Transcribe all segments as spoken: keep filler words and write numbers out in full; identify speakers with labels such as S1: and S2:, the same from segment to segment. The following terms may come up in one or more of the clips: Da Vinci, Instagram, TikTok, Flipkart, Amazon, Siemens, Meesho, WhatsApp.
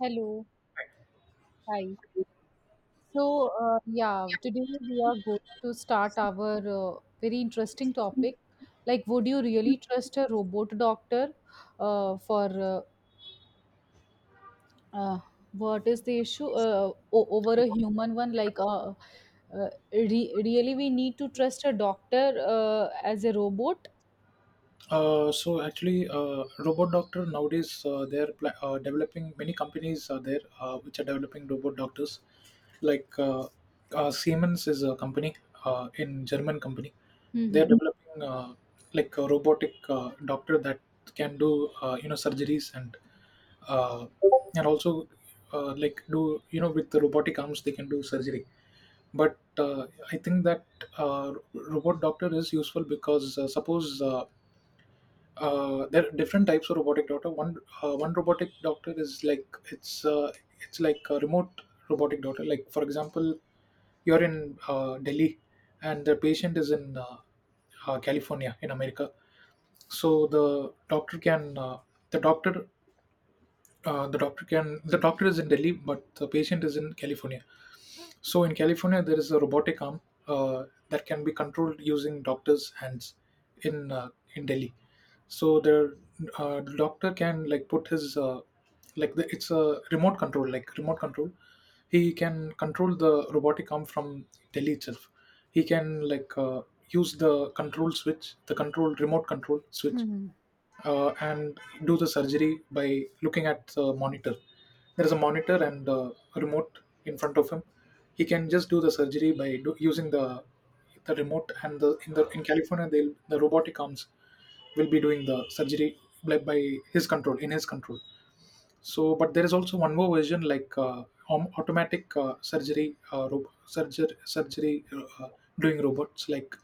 S1: Hello, hi. So, uh, yeah, today we are going to start our uh, very interesting topic. Like, would you really trust a robot doctor uh, for uh, uh, what is the issue uh, o- over a human one? Like, uh, uh, re- really, we need to trust a doctor uh, as a robot?
S2: Uh, so actually, uh, robot doctor nowadays, uh, they're pla- uh, developing, many companies are there uh, which are developing robot doctors. Like uh, uh, Siemens is a company, uh, in German company. They're
S1: Hmm.
S2: developing uh, like a robotic uh, doctor that can do, uh, you know surgeries and uh, and also, uh, like do you know, with the robotic arms they can do surgery. But uh, I think that uh, robot doctor is useful because, uh, suppose uh, uh, there are different types of robotic doctor. One uh, one robotic doctor is like, it's uh, it's like a remote robotic doctor. Like for example, you're in uh, Delhi, and the patient is in uh, uh, California in America. So the doctor can, uh, the doctor uh, the doctor can the doctor is in Delhi, but the patient is in California. So in California, there is a robotic arm uh, that can be controlled using doctor's hands in uh, in Delhi. So the uh, doctor can like put his, uh, like the, it's a remote control, like remote control. He can control the robotic arm from Delhi itself. He can like uh, use the control switch, the control remote control switch,
S1: Hmm.
S2: uh, and do the surgery by looking at the monitor. There is a monitor and uh, a remote in front of him. He can just do the surgery by do, using the the remote, and the in the in California they the robotic arms will be doing the surgery, like by his control, in his control. So, but there is also one more version like, uh, om- automatic uh, surgery, uh, rob- surger- surgery uh, uh, doing robots. Like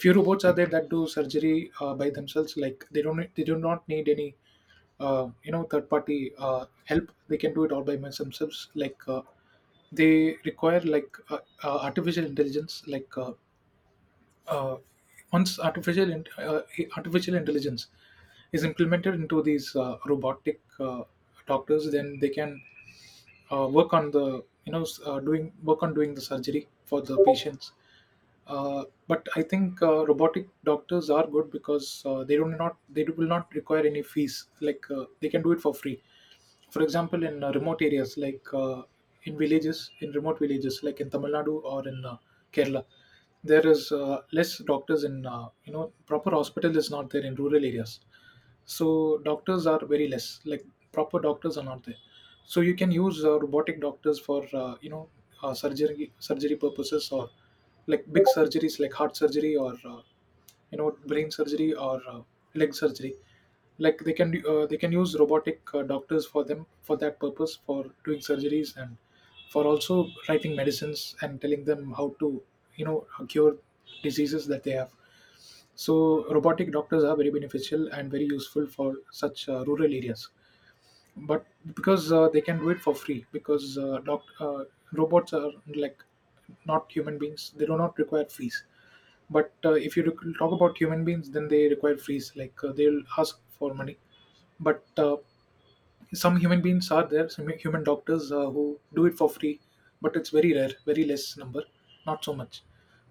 S2: few robots are there that do surgery uh, by themselves. Like they don't they do not need any uh, you know third party uh, help. They can do it all by themselves. Like uh, they require like, uh, uh, artificial intelligence, like uh, uh, once artificial in, uh, artificial intelligence is implemented into these uh, robotic uh, doctors, then they can uh, work on the you know s- uh, doing work on doing the surgery for the patients. Uh, but I think uh, robotic doctors are good because uh, they do not they do, will not require any fees. Like uh, they can do it for free, for example in uh, remote areas, like uh, in villages, in remote villages, like in Tamil Nadu or in uh, Kerala. There is uh, less doctors in, uh, you know proper hospital is not there in rural areas, so doctors are very less, like proper doctors are not there. So you can use uh, robotic doctors for, uh, you know uh, surgery surgery purposes, or like big surgeries, like heart surgery or uh, you know brain surgery or uh, leg surgery. Like they can do- uh, they can use robotic uh, doctors for them, for that purpose, for doing surgeries and for also writing medicines and telling them how to, you know cure diseases that they have. So robotic doctors are very beneficial and very useful for such uh, rural areas. But because uh, they can do it for free, because uh, doc uh, robots are like not human beings, they do not require fees. But uh, if you rec- talk about human beings, then they require fees, like uh, they'll ask for money. But uh, some human beings are there, some human doctors uh, who do it for free, but it's very rare, very less number, not so much.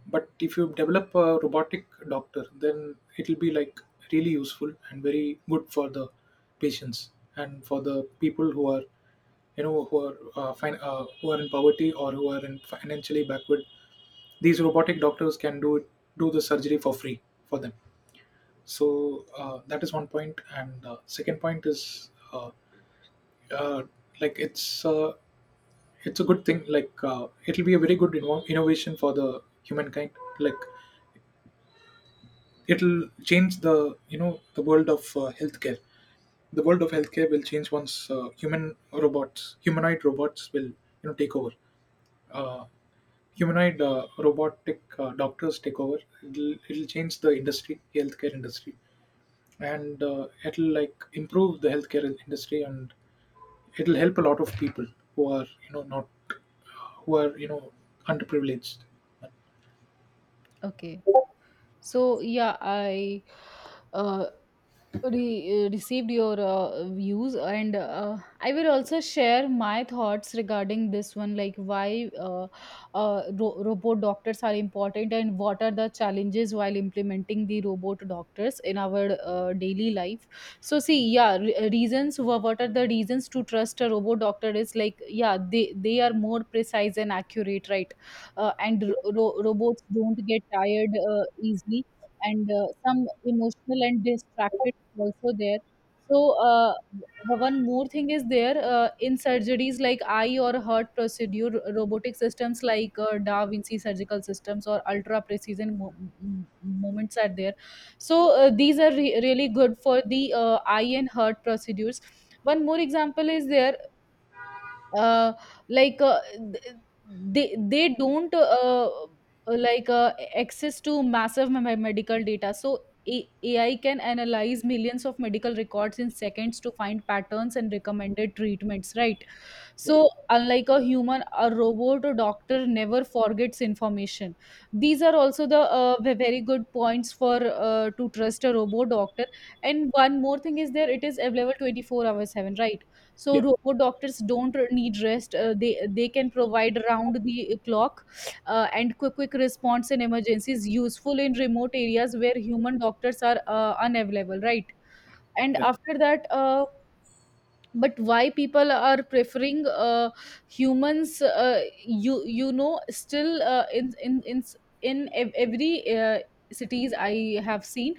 S2: But if you develop a robotic doctor, then it'll be like really useful and very good for the patients, and for the people who are, you know who are uh, fin- uh, who are in poverty or who are in financially backward. These robotic doctors can do it, do the surgery for free for them. So uh, that is one point, and uh, second point is, uh, uh, like it's uh, it's a good thing. Like uh, it'll be a very good inno- innovation for the humankind. Like it'll change the, you know the world of uh, healthcare. The world of healthcare will change once uh, human robots humanoid robots will, you know take over, uh, humanoid uh, robotic uh, doctors take over. It'll, it'll change the industry, healthcare industry, and uh, it'll like improve the healthcare industry, and it'll help a lot of people who are, you know not, who are, you know underprivileged.
S1: Okay. So, yeah, I uh, re- uh, received your uh, views, and uh, I will also share my thoughts regarding this one, like why uh, uh, ro- robot doctors are important and what are the challenges while implementing the robot doctors in our uh, daily life. So see, yeah, re- reasons, wha- what are the reasons to trust a robot doctor is like, yeah, they they are more precise and accurate, right? Uh, and ro- ro- robots don't get tired uh, easily, and uh, some emotional and distracted also there. So uh, w- one more thing is there, uh, in surgeries like eye or heart procedure, ro- robotic systems like uh, Da Vinci surgical systems or ultra precision mo- m- moments are there. So uh, these are re- really good for the uh, eye and heart procedures. One more example is there, uh, like uh, th- they they don't uh, like uh, access to massive me- medical data, so A- ai can analyze millions of medical records in seconds to find patterns and recommended treatments, right? So, unlike a human, a robot or doctor never forgets information. These are also the uh, ve- very good points for uh, to trust a robot doctor. And one more thing is there, it is available twenty-four hours seven, right? So,
S2: Yeah.
S1: robot doctors don't need rest. Uh, they they can provide round the clock uh, and quick quick response in emergencies, useful in remote areas where human doctors are uh, unavailable, right? And
S2: Yes.
S1: after that uh, but why people are preferring uh, humans, uh, you you know still, uh, in in in s- in ev- every uh, cities I have seen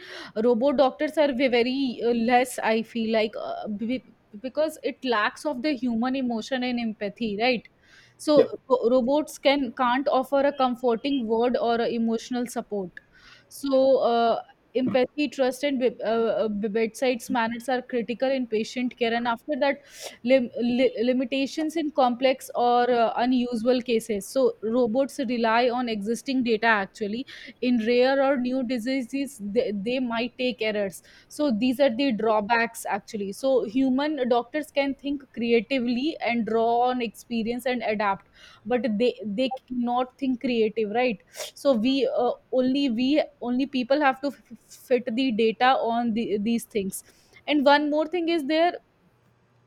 S1: robot doctors are ve- very uh, less, I feel, like uh, be- because it lacks of the human emotion and empathy, right? So
S2: Yeah.
S1: ro- robots can can't offer a comforting word or a emotional support. So uh, empathy, trust, and be- uh, uh, bedside manners are critical in patient care. And after that, lim- li- limitations in complex or uh, unusual cases. So robots rely on existing data. Actually, in rare or new diseases, they, they might take errors. So these are the drawbacks. Actually, so human doctors can think creatively and draw on experience and adapt, but they they cannot think creative, right? So we, uh, only we only people have to f- fit the data on the, these things. And one more thing is there,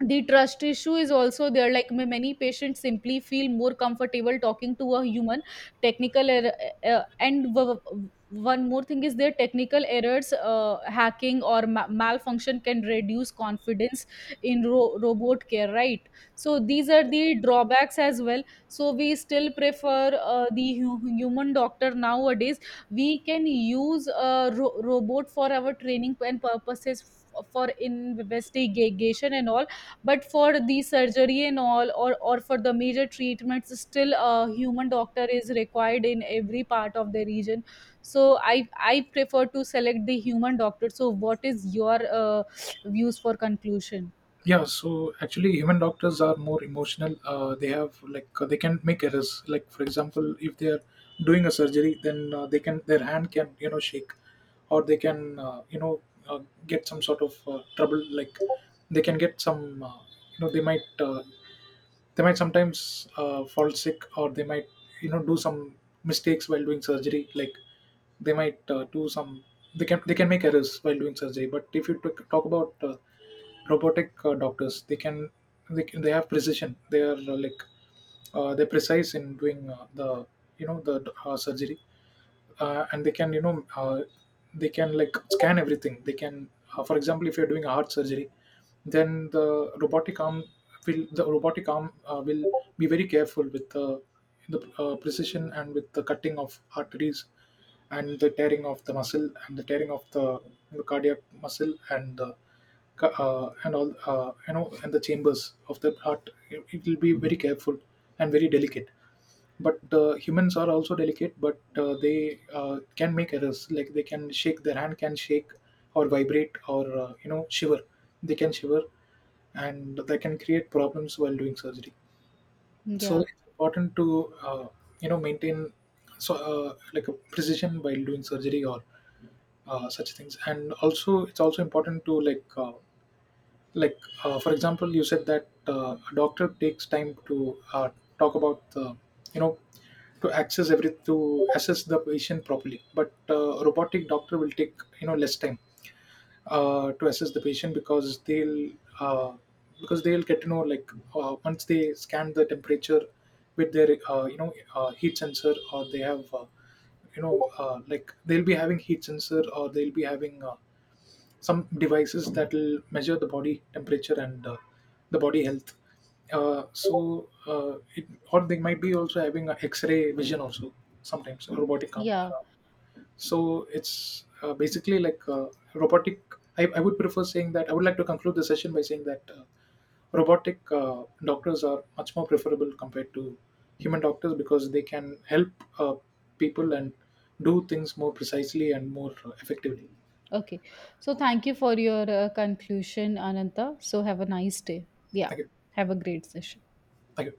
S1: the trust issue is also there, like ma- many patients simply feel more comfortable talking to a human. Technical error, uh, uh, and w- w- one more thing is their technical errors, uh, hacking or ma- malfunction can reduce confidence in ro- robot care, right? So these are the drawbacks as well. So we still prefer uh, the hu- human doctor nowadays. We can use a ro- robot for our training and purposes f- for investigation and all, but for the surgery and all, or or for the major treatments, still a human doctor is required in every part of the region. So I i prefer to select the human doctor. So what is your uh, views for conclusion?
S2: Yeah, so actually human doctors are more emotional. Uh, they have like uh, they can make errors. Like, for example, if they are doing a surgery, then uh, they can, their hand can, you know shake, or they can uh, you know uh, get some sort of uh, trouble. Like they can get some uh, you know they might uh, they might sometimes uh, fall sick, or they might, you know do some mistakes while doing surgery. Like they might uh, do some, they can they can make errors while doing surgery. But if you t- talk about uh, robotic uh, doctors, they can, they can, they have precision. They are uh, like uh, they're precise in doing uh, the, you know the uh, surgery. Uh, and they can, you know uh, they can like scan everything. They can uh, for example, if you're doing a heart surgery, then the robotic arm will, the robotic arm uh, will be very careful with the the uh, precision, and with the cutting of arteries, and the tearing of the muscle, and the tearing of the, the cardiac muscle, and the ca- uh, and all uh, you know and the chambers of the heart, it it will be very careful and very delicate. But uh, humans are also delicate, but uh, they uh, can make errors. Like they can shake, their hand can shake or vibrate, or uh, you know shiver. They can shiver, and they can create problems while doing surgery. So
S1: Yeah,
S2: it's important to, uh, you know maintain, so uh, like a precision while doing surgery, or uh, such things. And also it's also important to like uh, like uh, for example, you said that uh, a doctor takes time to uh, talk about, uh, you know to access every, to assess the patient properly. But uh, robotic doctor will take, you know less time uh, to assess the patient, because they'll uh, because they'll get to know like uh, once they scan the temperature with their uh, you know uh, heat sensor, or they have uh, you know uh, like they'll be having heat sensor, or they'll be having uh, some devices that will measure the body temperature and uh, the body health. Uh, so, uh, it, or they might be also having a X-ray vision also, sometimes a robotic arm.
S1: yeah.
S2: So it's uh, basically like, uh, robotic. I, I would prefer saying that I would like to conclude the session by saying that uh, robotic uh, doctors are much more preferable compared to human doctors, because they can help uh, people and do things more precisely and more uh, effectively.
S1: Okay. So thank you for your uh, conclusion, Ananta. So have a nice day. Yeah,
S2: Thank you.
S1: have a great session.
S2: Thank you.